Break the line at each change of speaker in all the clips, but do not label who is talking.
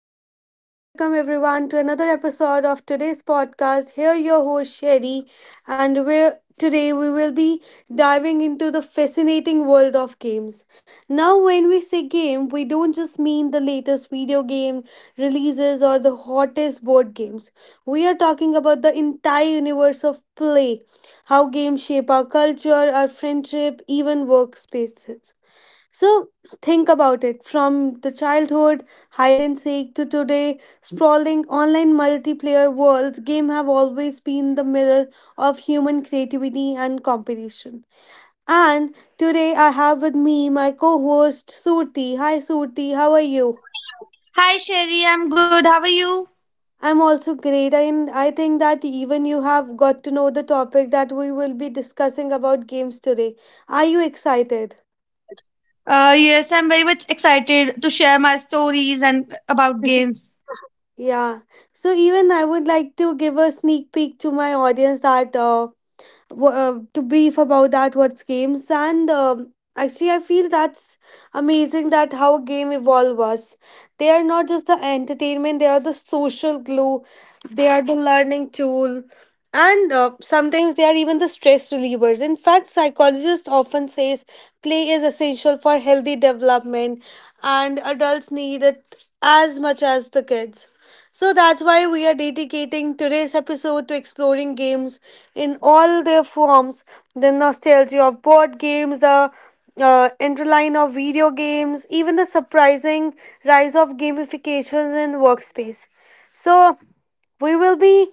Hello and welcome everyone to another episode of today's podcast. Here your host Sherry, and we're today we will be diving into the fascinating world of games. Now when we say game, we don't just mean the latest video game releases or the hottest board games. We are talking about the entire universe of play, how games shape our culture, our friendship, even workspaces. So think about it. From the childhood hide and seek to today sprawling online multiplayer worlds, game have always been the mirror of human creativity and competition. And today I have with me my co-host Surti. Hi Surti, how are you?
Hi, Sherry. I'm good. How are you?
I'm also great, and I think that even you have got to know the topic that we will be discussing about games today. Are you excited?
Yes, I'm very much excited to share my stories and about games.
Yeah. So even I would like to give a sneak peek to my audience that to brief about that what's games, and actually I feel that's amazing that how a game evolve us. They are not just the entertainment; they are the social glue. They are the learning tool. And sometimes they are even the stress relievers. In fact, psychologists often says play is essential for healthy development, and adults need it as much as the kids. So that's why we are dedicating today's episode to exploring games in all their forms: the nostalgia of board games, the interline of video games, even the surprising rise of gamifications in workspace. So we will be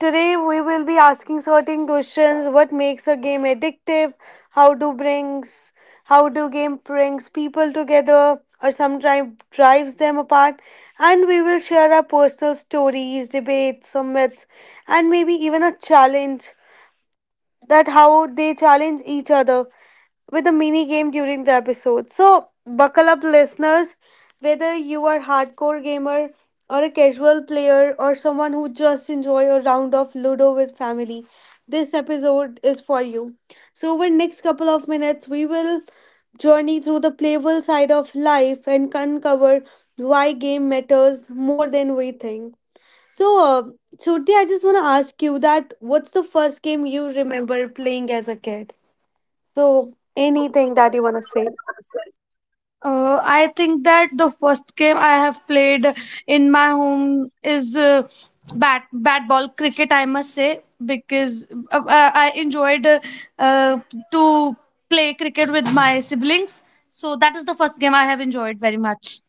Today we will be asking certain questions. What makes a game addictive? how do brings how do game brings people together or sometimes drives them apart? And we will share our personal stories, debates, some myths, and maybe even a challenge, that how they challenge each other with a mini game during the episode. So, buckle up, listeners. Whether you are hardcore gamer or a casual player or someone who just enjoy a round of Ludo with family, this episode is for you. So, over next couple of minutes, we will journey through the playful side of life and uncover why game matters more than we think. So, Surti, I just want to ask you that what's the first game you remember playing as a kid? So, anything that you want to say?
I think that the first game I have played in my home is bat bat ball cricket, I must say. Because I enjoyed uh, to play cricket with my siblings. So that is the first game I have enjoyed very much.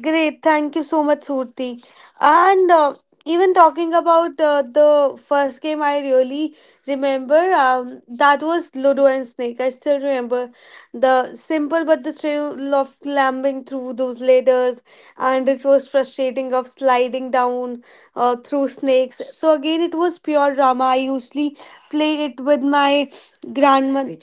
Great, thank you so much, Surti. And even talking about the first game, I really remember that was Ludo and Snake. I still remember the simple but the thrill of climbing through those ladders, and it was frustrating of sliding down through snakes. So again, it was pure drama. I usually play it with my grandmother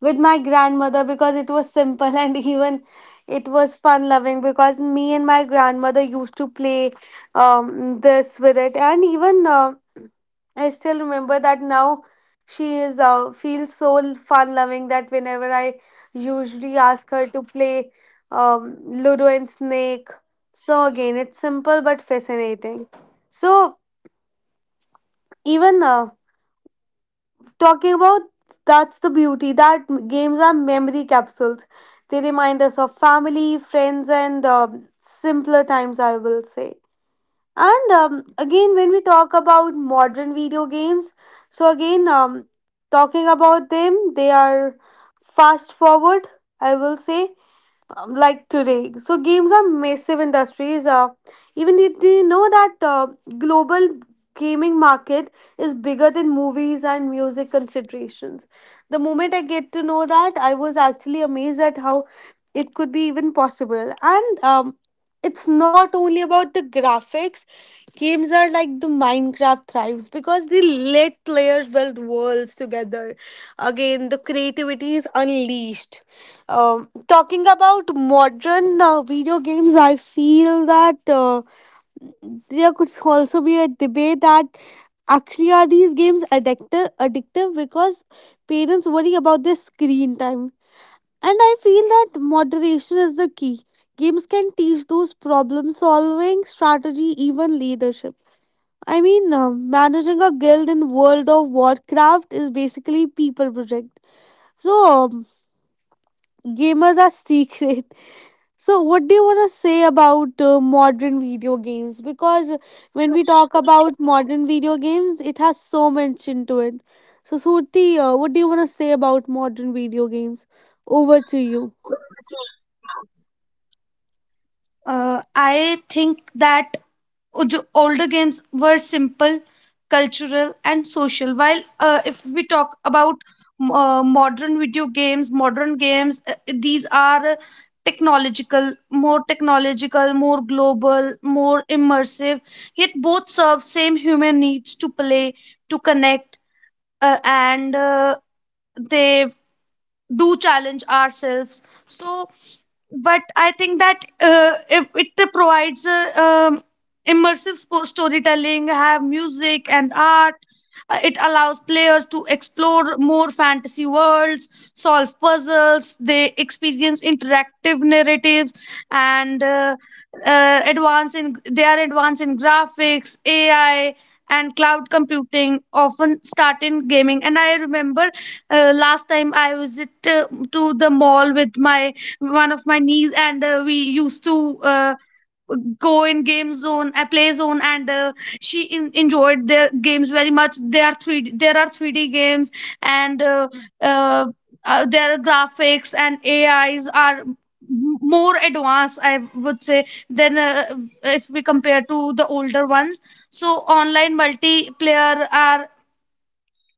with my grandmother because it was simple, and even it was fun loving because me and my grandmother used to play this with it. And even I still remember that now she is, feels so fun loving, that whenever I usually ask her to play, um, Ludo and Snake. So again, it's simple but fascinating. So even talking about that's the beauty, that games are memory capsules. They remind us of family, friends, and simpler times, I will say. And again, when we talk about modern video games, so again, talking about them, they are fast forward, I will say, like today. So games are massive industries. Even did you know that global gaming market is bigger than movies and music considerations? The moment I get to know that, I was actually amazed at how it could be even possible. And it's not only about the graphics. Games are like the Minecraft thrives because they let players build worlds together. Again, the creativity is unleashed. Talking about modern video games, I feel that there could also be a debate that actually are these games addictive because parents worry about their screen time. And I feel that moderation is the key. Games can teach those problem solving, strategy, even leadership. I mean, managing a guild in World of Warcraft is basically people project. So gamers are secret. So, what do you want to say about modern video games? Because when we talk about modern video games, it has so much into it. So, Surti, what do you want to say about modern video games? Over to you.
I think that older games were simple, cultural, and social. While if we talk about modern video games, modern games, these are technological, more global, more immersive. Yet both serve same human needs to play, to connect, and they do challenge ourselves. But I think that it provides a, immersive sport storytelling, have music and art. It allows players to explore more fantasy worlds, solve puzzles, they experience interactive narratives, and advance in they are advanced in graphics, AI, and cloud computing often start in gaming. And I remember last time I visit to the mall with my one of my niece, and we used to go in game zone, a play zone, and she enjoyed their games very much. They are three. There are three D games, and uh, their graphics and AIs are more advanced, I would say, than if we compare to the older ones. So online multiplayer are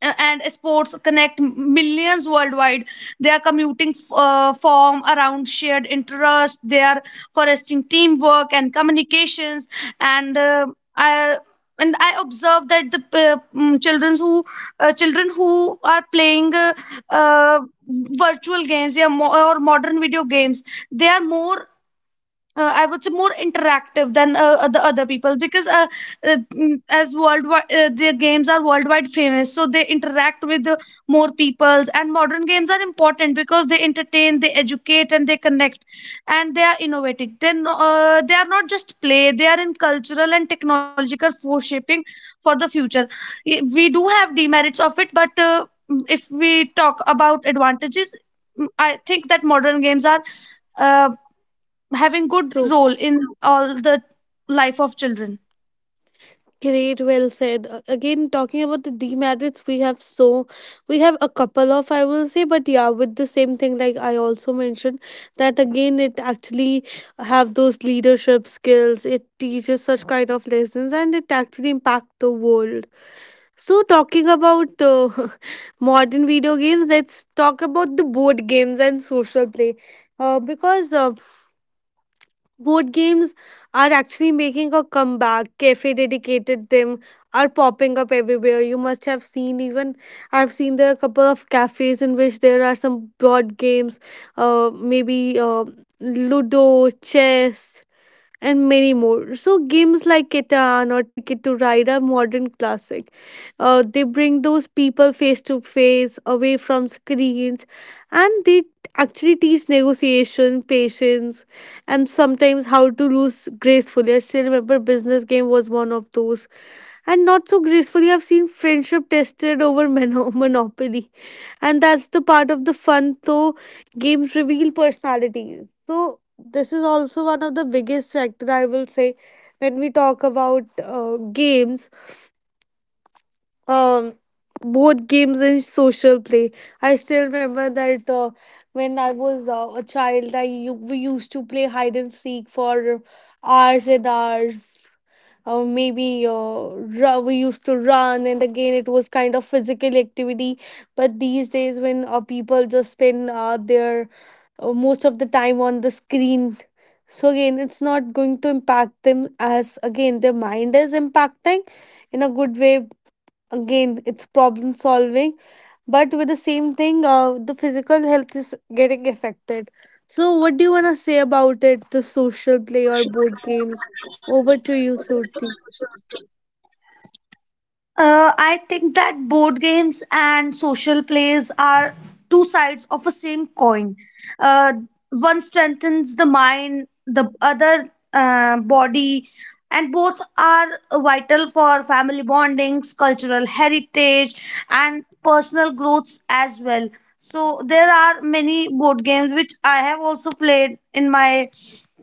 and sports connect millions worldwide. They are commuting form around shared interest. They are fostering teamwork and communications. And uh, I and I observe that the children who are playing uh, virtual games, yeah, or modern video games, they are more I would say more interactive than the other people, because as worldwide their games are worldwide famous, so they interact with more peoples. And modern games are important because they entertain, they educate, and they connect, and they are innovative. Then they are not just play; they are in cultural and technological foreshaping for the future. We do have demerits of it, but if we talk about advantages, I think that modern games are. Uh, Having good role in all the life of children.
Great, well said. Again, talking about the demerits, we have a couple of, I will say. But yeah, with the same thing, like I also mentioned, that again it actually have those leadership skills. It teaches such kind of lessons, and it actually impact the world. So talking about modern video games, let's talk about the board games and social play, because board games are actually making a comeback. Cafe dedicated them are popping up everywhere. You must have seen. Even I've seen there are a couple of cafes in which there are some board games, maybe Ludo, chess, and many more. So games like Catan or Ticket to Ride are modern classic. They bring those people face to face, away from screens, and they actually teach negotiation, patience, and sometimes how to lose gracefully. I still remember business game was one of those, and not so gracefully. I've seen friendship tested over monopoly, and that's the part of the fun. So games reveal personality. So this is also one of the biggest factor, I will say, when we talk about games. Um, both games and social play, I still remember that when I was a child, we used to play hide and seek for hours and hours. Or maybe we used to run, and again it was kind of physical activity. But these days when people just spend their most of the time on the screen, so again it's not going to impact them, as again their mind is impacting in a good way. Again, it's problem solving. But with the same thing, the physical health is getting affected. So what do you want to say about it, the social play or board games? Over to you, Surti.
I think that board games and social plays are two sides of a same coin. uh, One strengthens the mind, the other body, and both are vital for family bondings, cultural heritage, and personal growths as well. So there are many board games which I have also played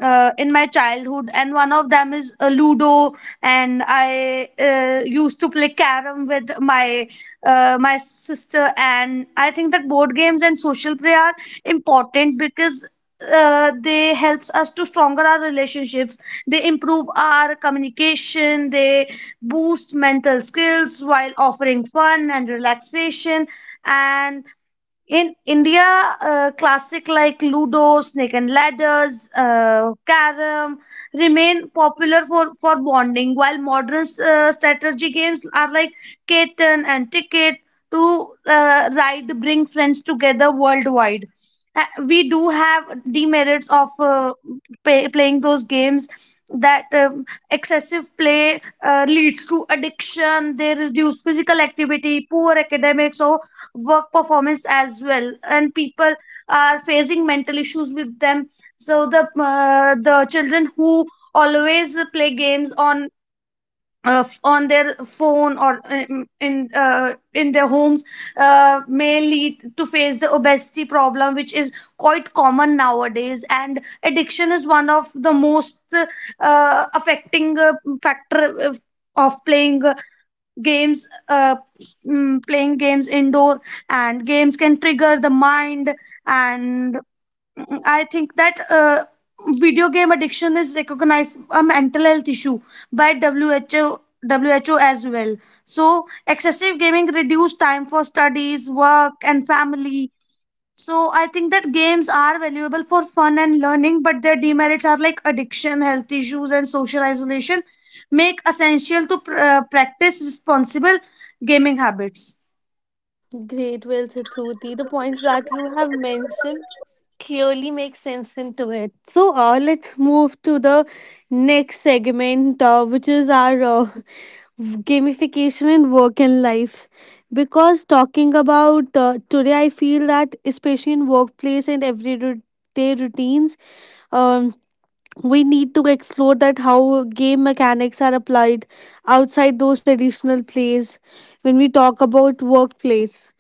in my childhood, and one of them is Ludo, and I used to play carom with my my sister. And I think that board games and social play are important because they helps us to stronger our relationships, they improve our communication, they boost mental skills while offering fun and relaxation. And in India, classic like Ludo, Snake and Ladders, Carom remain popular for bonding, while modern strategy games are like Catan and Ticket to Ride bring friends together worldwide. We do have demerits of playing those games, that excessive play leads to addiction, they reduce physical activity, poor academics, or work performance as well, and people are facing mental issues with them. So the children who always play games on on their phone, or in their homes, may lead to face the obesity problem, which is quite common nowadays. And addiction is one of the most affecting factor of playing games uh, playing games indoor, and games can trigger the mind. And I think that video game addiction is recognized a mental health issue by WHO as well. So excessive gaming reduce time for studies, work, and family. So I think that games are valuable for fun and learning, but their demerits are like addiction, health issues, and social isolation make essential to practice responsible gaming habits.
Great, well said, Suti. The points that you have mentioned clearly make sense into it. So let's move to the next segment, which is our gamification in work and life. Because talking about today, I feel that especially in workplace and everyday routines, um we need to explore that how game mechanics are applied outside those traditional plays. When we talk about workplace,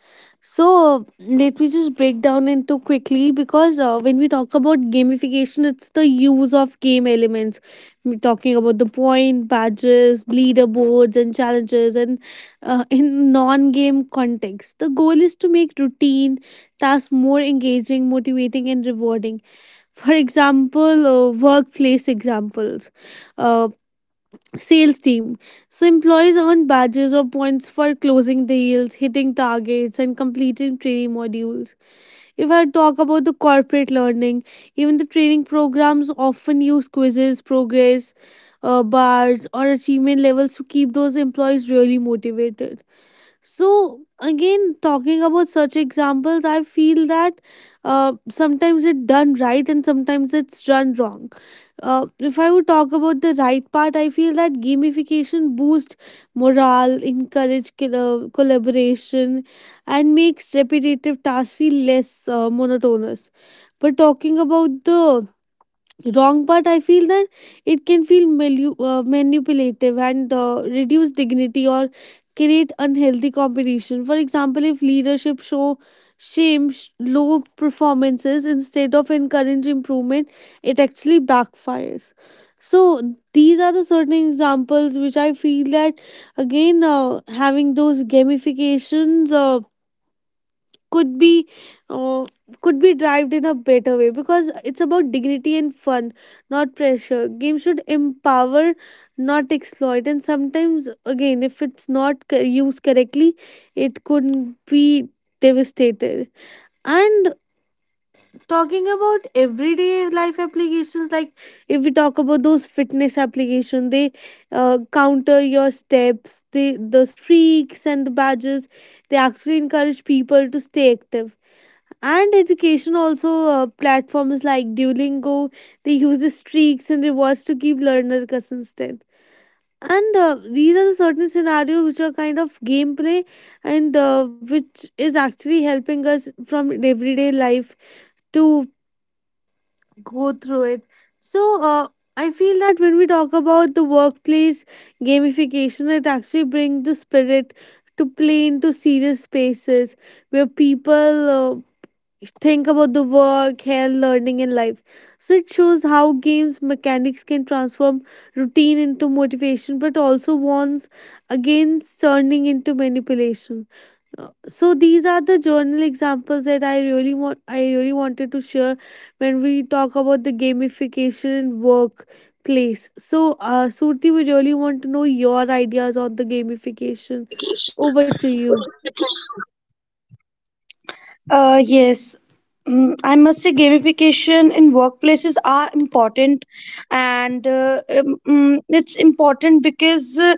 so let me just break down into quickly. Because when we talk about gamification, it's the use of game elements. We're talking about the point, badges, leaderboards, and challenges, and in non-game context, the goal is to make routine tasks more engaging, motivating, and rewarding. For example, workplace examples: uh, sales team, so employees earn badges or points for closing deals, hitting targets, and completing training modules. If I talk about the corporate learning, even the training programs often use quizzes, progress bars, or achievement levels to keep those employees really motivated. So, again, talking about such examples, I feel that sometimes it's done right and sometimes it's done wrong. If I would talk about the right part, I feel that gamification boosts morale, encourage collaboration, and makes repetitive tasks feel less monotonous. But talking about the wrong, but I feel that it can feel manipulative, and reduce dignity or create unhealthy competition. For example, if leadership low performances instead of encourage improvement, it actually backfires. So these are the certain examples which I feel that, again, having those gamifications could be uh, could be derived in a better way. Because it's about dignity and fun, not pressure. Games should empower, not exploit. And sometimes, again, if it's not used correctly, it could be devastated. And talking about everyday life applications, like if we talk about those fitness application, they counter your steps, the streaks and the badges, they actually encourage people to stay active. And education also, platforms like Duolingo, they use the streaks and rewards to keep learner consistent. And these are the certain scenarios which are kind of gameplay, and which is actually helping us from everyday life to go through it. So I feel that when we talk about the workplace gamification, it actually brings the spirit to play into serious spaces, where people think about the work, health, learning, and life. So it shows how games mechanics can transform routine into motivation, but also warns against turning into manipulation. So these are the journal examples that I really wanted to share when we talk about the gamification in workplace. So, Surti, we really want to know your ideas on the gamification. Over to you.
Uh, yes, I must say gamification in workplaces are important, and it's important because uh,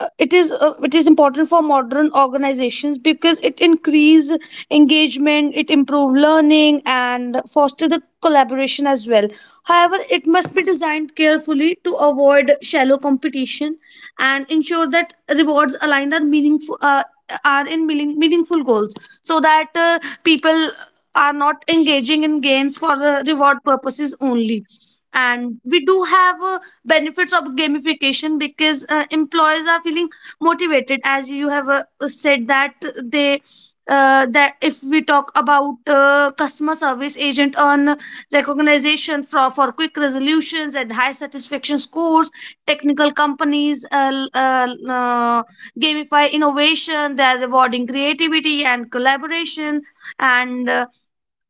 uh, it is uh, it is important for modern organizations because it increase engagement, it improve learning, and foster the collaboration as well. However, it must be designed carefully to avoid shallow competition and ensure that rewards aligned are meaningful, meaningful goals, so that people are not engaging in games for reward purposes only. And we do have benefits of gamification because employees are feeling motivated, as you have said, that they that if we talk about customer service agent on recognition for quick resolutions and high satisfaction scores, technical companies gamify innovation, they are rewarding creativity and collaboration. And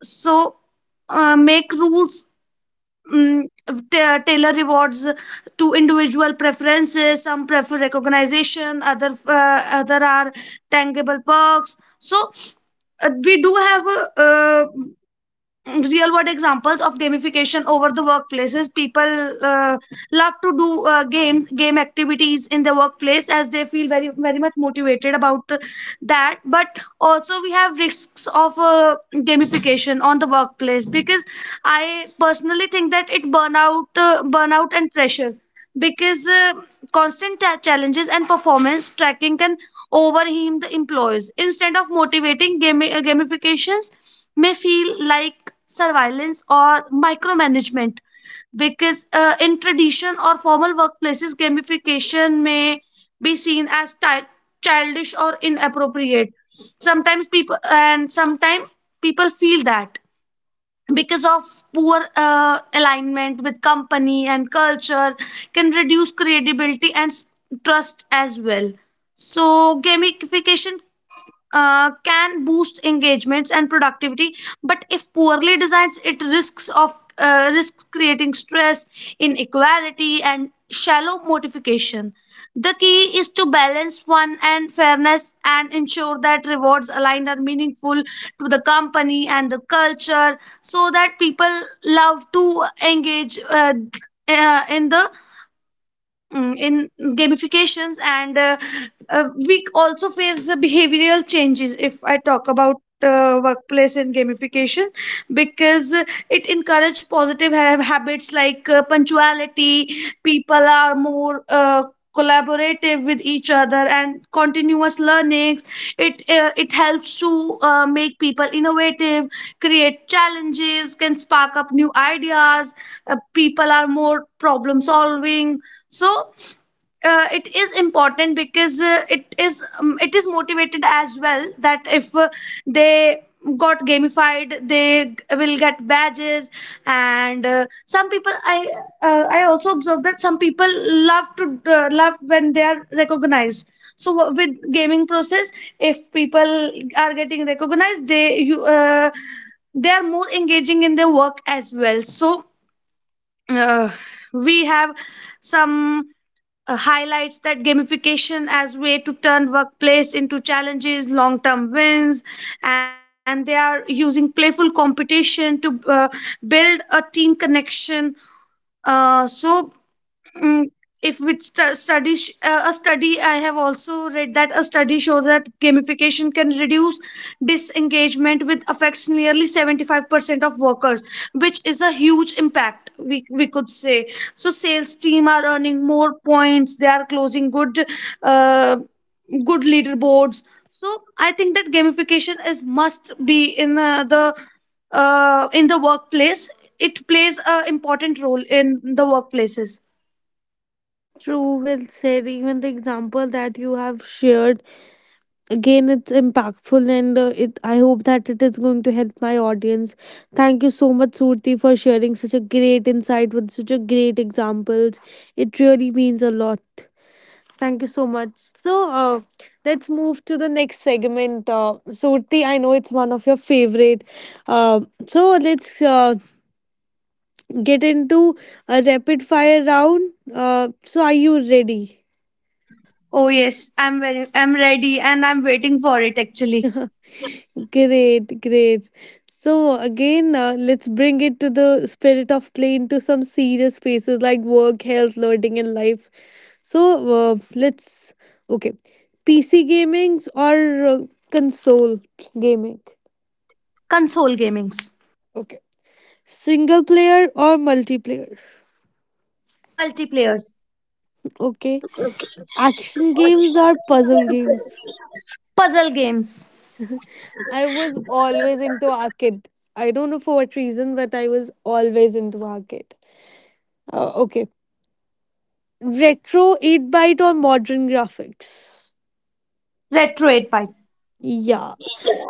so Make rules, um, tailor rewards to individual preferences. Some prefer recognition, other are tangible perks. So we do have a, real world examples of gamification over the workplaces. People uh, love to do game activities in the workplace, as they feel very very much motivated about that. But also we have risks of gamification on the workplace, because I personally think that it burnout and pressure, because constant challenges and performance tracking can overwhelm the employees instead of motivating. Gamifications may feel like surveillance or micromanagement because in tradition or formal workplaces gamification may be seen as childish or inappropriate sometimes. People and sometimes People feel that because of poor alignment with company and culture can reduce credibility and trust as well. So gamification can boost engagements and productivity, but if poorly designed it risks creating stress, inequality, and shallow motivation. The key is to balance fun and fairness and ensure that rewards aligned are meaningful to the company and the culture, so that people love to engage uh, in the in gamifications. And We also face behavioral changes if I talk about workplace and gamification, because it encourage positive habits like punctuality. People are more collaborative with each other, and continuous learnings. It helps to make people innovative. Create challenges can spark up new ideas. People are more problem solving. So it is important because it is motivated as well, that if they got gamified they will get badges. And some people I I also observe that some people love to, love when they are recognized. So with gaming process, if people are getting recognized, they are more engaging in their work as well. So uh, we have some highlights that gamification as way to turn workplace into challenges, long-term wins, and they are using playful competition to build a team connection. uh, so Mm, if we stu- study sh- a study I have also read that a study shows that gamification can reduce disengagement with affects nearly 75% of workers, which is a huge impact, we could say. So sales team are earning more points, they are closing good uh, good leaderboards. So I think that gamification is must be in the in the workplace. It plays a important role in the workplaces.
True, well said. Even the example that you have shared again, it's impactful and it I hope that it is going to help my audience. Thank you so much, Surti, for sharing such a great insight with such a great examples. It really means a lot. Thank you so much. so uh, let's move to the next segment. Surti, I know it's one of your favorite. Uh, so let's get into a rapid fire round. So are you ready?
Oh yes, I'm ready, and I'm waiting for it actually.
Great, great. So again, let's bring it to the spirit of play into some serious spaces like work, health, learning, and life. So let's okay, PC gamings or console gaming.
Console gamings.
Okay, single player or multiplayer.
Multiplayers.
Okay, action games or puzzle games.
Puzzle games.
I was always into arcade. I don't know for what reason, but I was always into arcade. Okay, retro 8 byte or modern graphics?
Retro 8 pipe.
Yeah.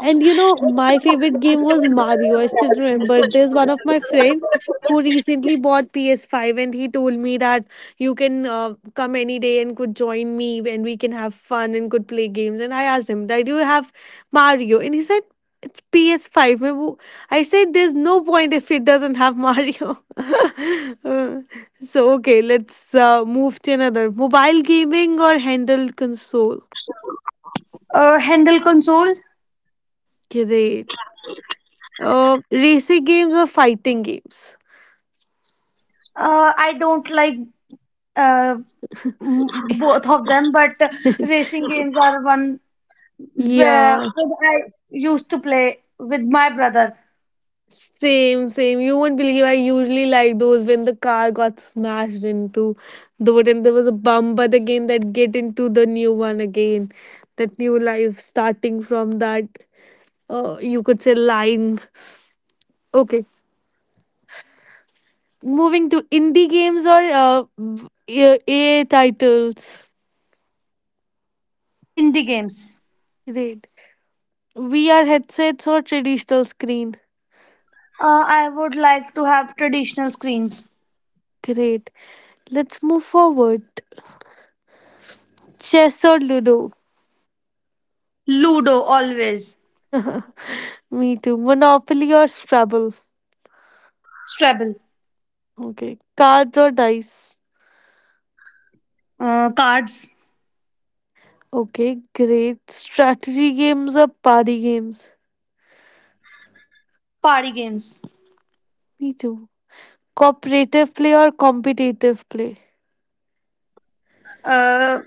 And you know, my favorite game was Mario. I still remember. There's one of my friends who recently bought PS5 and he told me that you can come any day and could join me and we can have fun and could play games. And I asked him, that, "Do you have Mario?" And he said, "It's ps five." मैं वो- I said, "There's no point if it doesn't have Mario." Uh, so, okay, let's Move to another, mobile gaming or handheld console.
Handle console.
Great. Racing games or fighting games?
I don't like uh, both of them, but racing games are one where
Yeah,
I used to play with my brother.
same, same. You won't believe, I usually like those when the car got smashed into the wood, there was a bump, but again that get into the new one again. That new life starting from that, you could say, line. Okay. Moving to indie games or A titles?
In the games.
Great. VR headsets or traditional screen?
I would like to have traditional screens.
Great. Let's move forward. Chess or Ludo?
Ludo always.
Me too. Monopoly or Scrabble?
Scrabble.
Okay. Cards or dice?
Cards.
Okay, great. Strategy games or party games?
Party games.
Me too. Cooperative play or competitive play?
uh,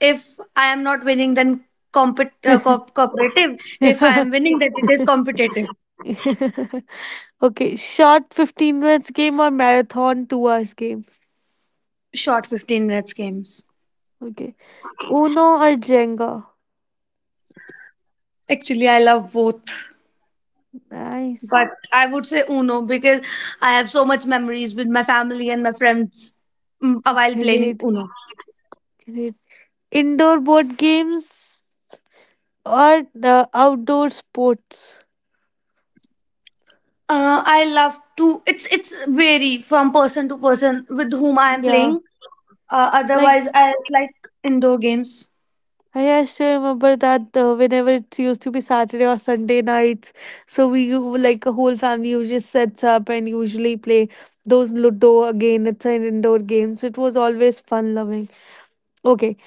if I am not winning, then cooperative. If I am winning, then it is competitive.
Okay, short 15 minutes game or marathon 2 hours game?
Short 15 minutes games.
Okay. Uno or Jenga?
Actually, I love both.
Nice.
But I would say Uno, because I have so much memories with my family and my friends while playing
Great.
Uno.
Great. Indoor board games or the outdoor sports?
I love to. It's vary from person to person with whom I am
Yeah.
playing.
Like,
Otherwise, I like indoor games.
hey, I actually remember that whenever it used to be Saturday or Sunday nights, so like a whole family usually sets up and usually play those Ludo again. It's an indoor game, so it was always fun loving. Okay,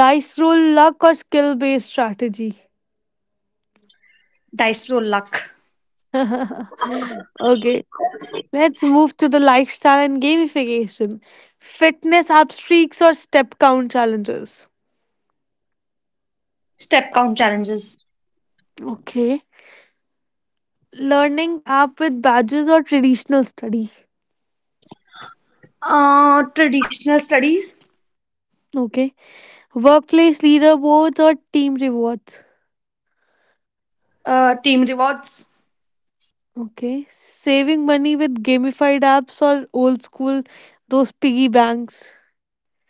dice roll luck or skill based strategy.
Dice roll luck.
Okay, let's move to the lifestyle and gamification, fitness app streaks or step count challenges.
Step count challenges.
Okay, learning app with badges or traditional study.
Traditional studies.
Okay. Workplace leaderboards or team rewards?
Team rewards.
Okay. Saving money with gamified apps or old school, those piggy banks.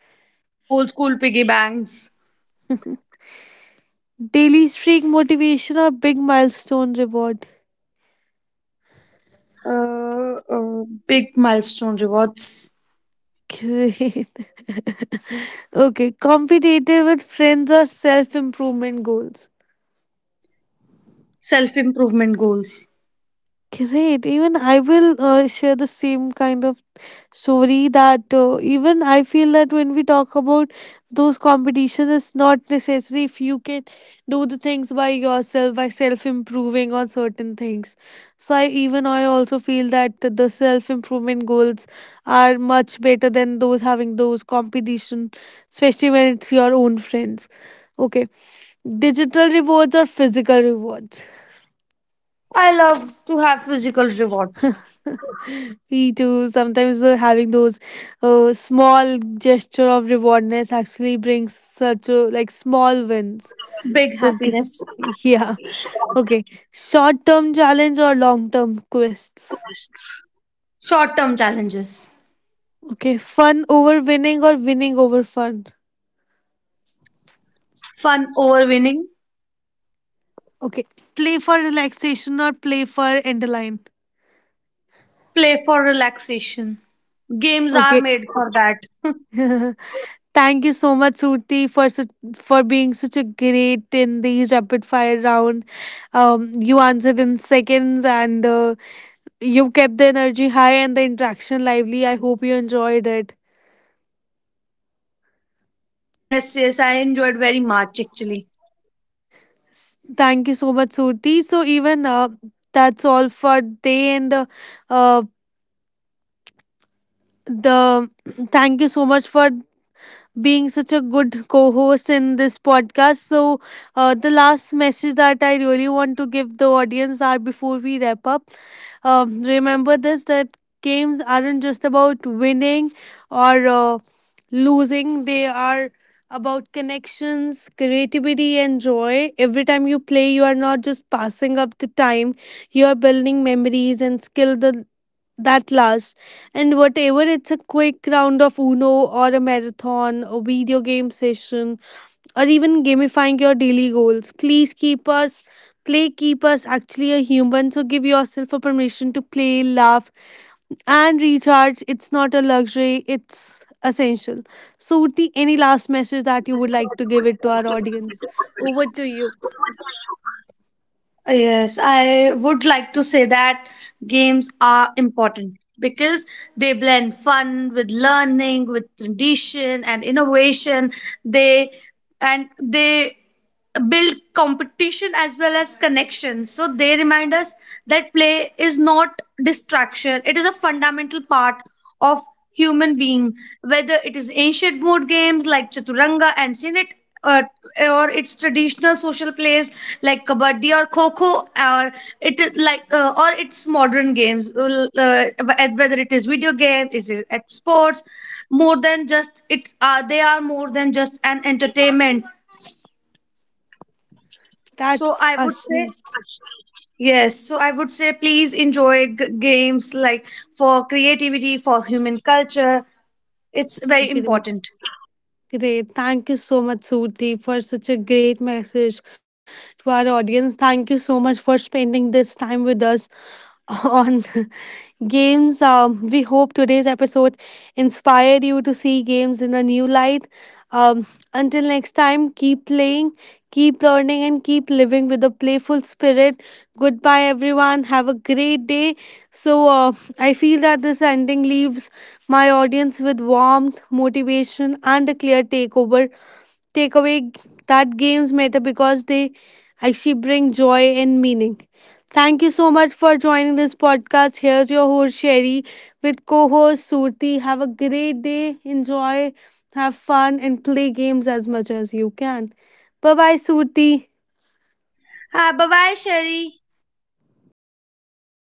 Old school piggy banks.
Daily streak motivation or big milestone reward.
Big milestone rewards.
Great. Okay. Competitive with friends or self improvement goals.
Self improvement goals.
Great. Even I will share the same kind of story that even I feel that when we talk about those competitions, it's not necessary if you can do the things by yourself, by self improving on certain things. So, I, even I also feel that the self improvement goals are much better than those having those competition, especially when it's your own friends. Okay, digital rewards or physical rewards?
I love to have physical rewards.
Me too. Sometimes having those small gesture of rewardness actually brings such a, like, small wins.
Big
So g-
happiness.
yeah, okay. Short term challenge or long term quests.
Short term challenges.
Okay, fun over winning or winning over fun.
Fun over winning.
Okay, play for relaxation or play for end line.
Play for relaxation. Games are
Okay.
made for that.
Thank you so much, Surti, for such, for being such a great in these rapid fire round. You answered in seconds, and you kept the energy high and the interaction lively. I hope you enjoyed it.
Yes, yes, I enjoyed very much actually.
Thank you so much, Surti. So even that's all for day and uh, the thank you so much for being such a good co host in this podcast. So, the last message that I really want to give the audience are before we wrap up, remember this that games aren't just about winning or losing, they are about connections, creativity, and joy. Every time you play, you are not just passing up the time, you are building memories and skill that lasts. And whatever, it's a quick round of Uno or a marathon, a video game session, or even gamifying your daily goals. Please keep us, play, keep us actually a human. So give yourself a permission to play, laugh, and recharge. It's not a luxury, it's essential. So, Urti, any last message that you would like to give it to our audience? Over to you.
Yes, I would like to say that games are important because they blend fun with learning, with tradition and innovation. They they build competition as well as connection. So they remind us that play is not distraction. It is a fundamental part of human being, whether it is ancient board games like chaturanga and sinet, uh, or its traditional social plays like kabaddi or kho kho, or it is like or its modern games, whether it is video games, it is at sports. More than just it They are more than just an entertainment. So
That's
I would say
actually
Yes, so I would say please enjoy games like for creativity, for human culture. It's very
great.
important.
Great. Thank you so much, Surti, for such a great message to our audience. Thank you so much for spending this time with us on games. We hope today's episode inspired you to see games in a new light. Um, until next time, keep playing, keep learning, and keep living with a playful spirit. Goodbye, everyone. Have a great day. So, I feel that this ending leaves my audience with warmth, motivation, and a clear takeover, take away, that games matter because they actually bring joy and meaning. Thank you so much for joining this podcast. Here's your host Sherry with co-host Surti. Have a great day. Enjoy, have fun, and play games as much as you can. Bye bye, Surti.
Bye bye, Sherry.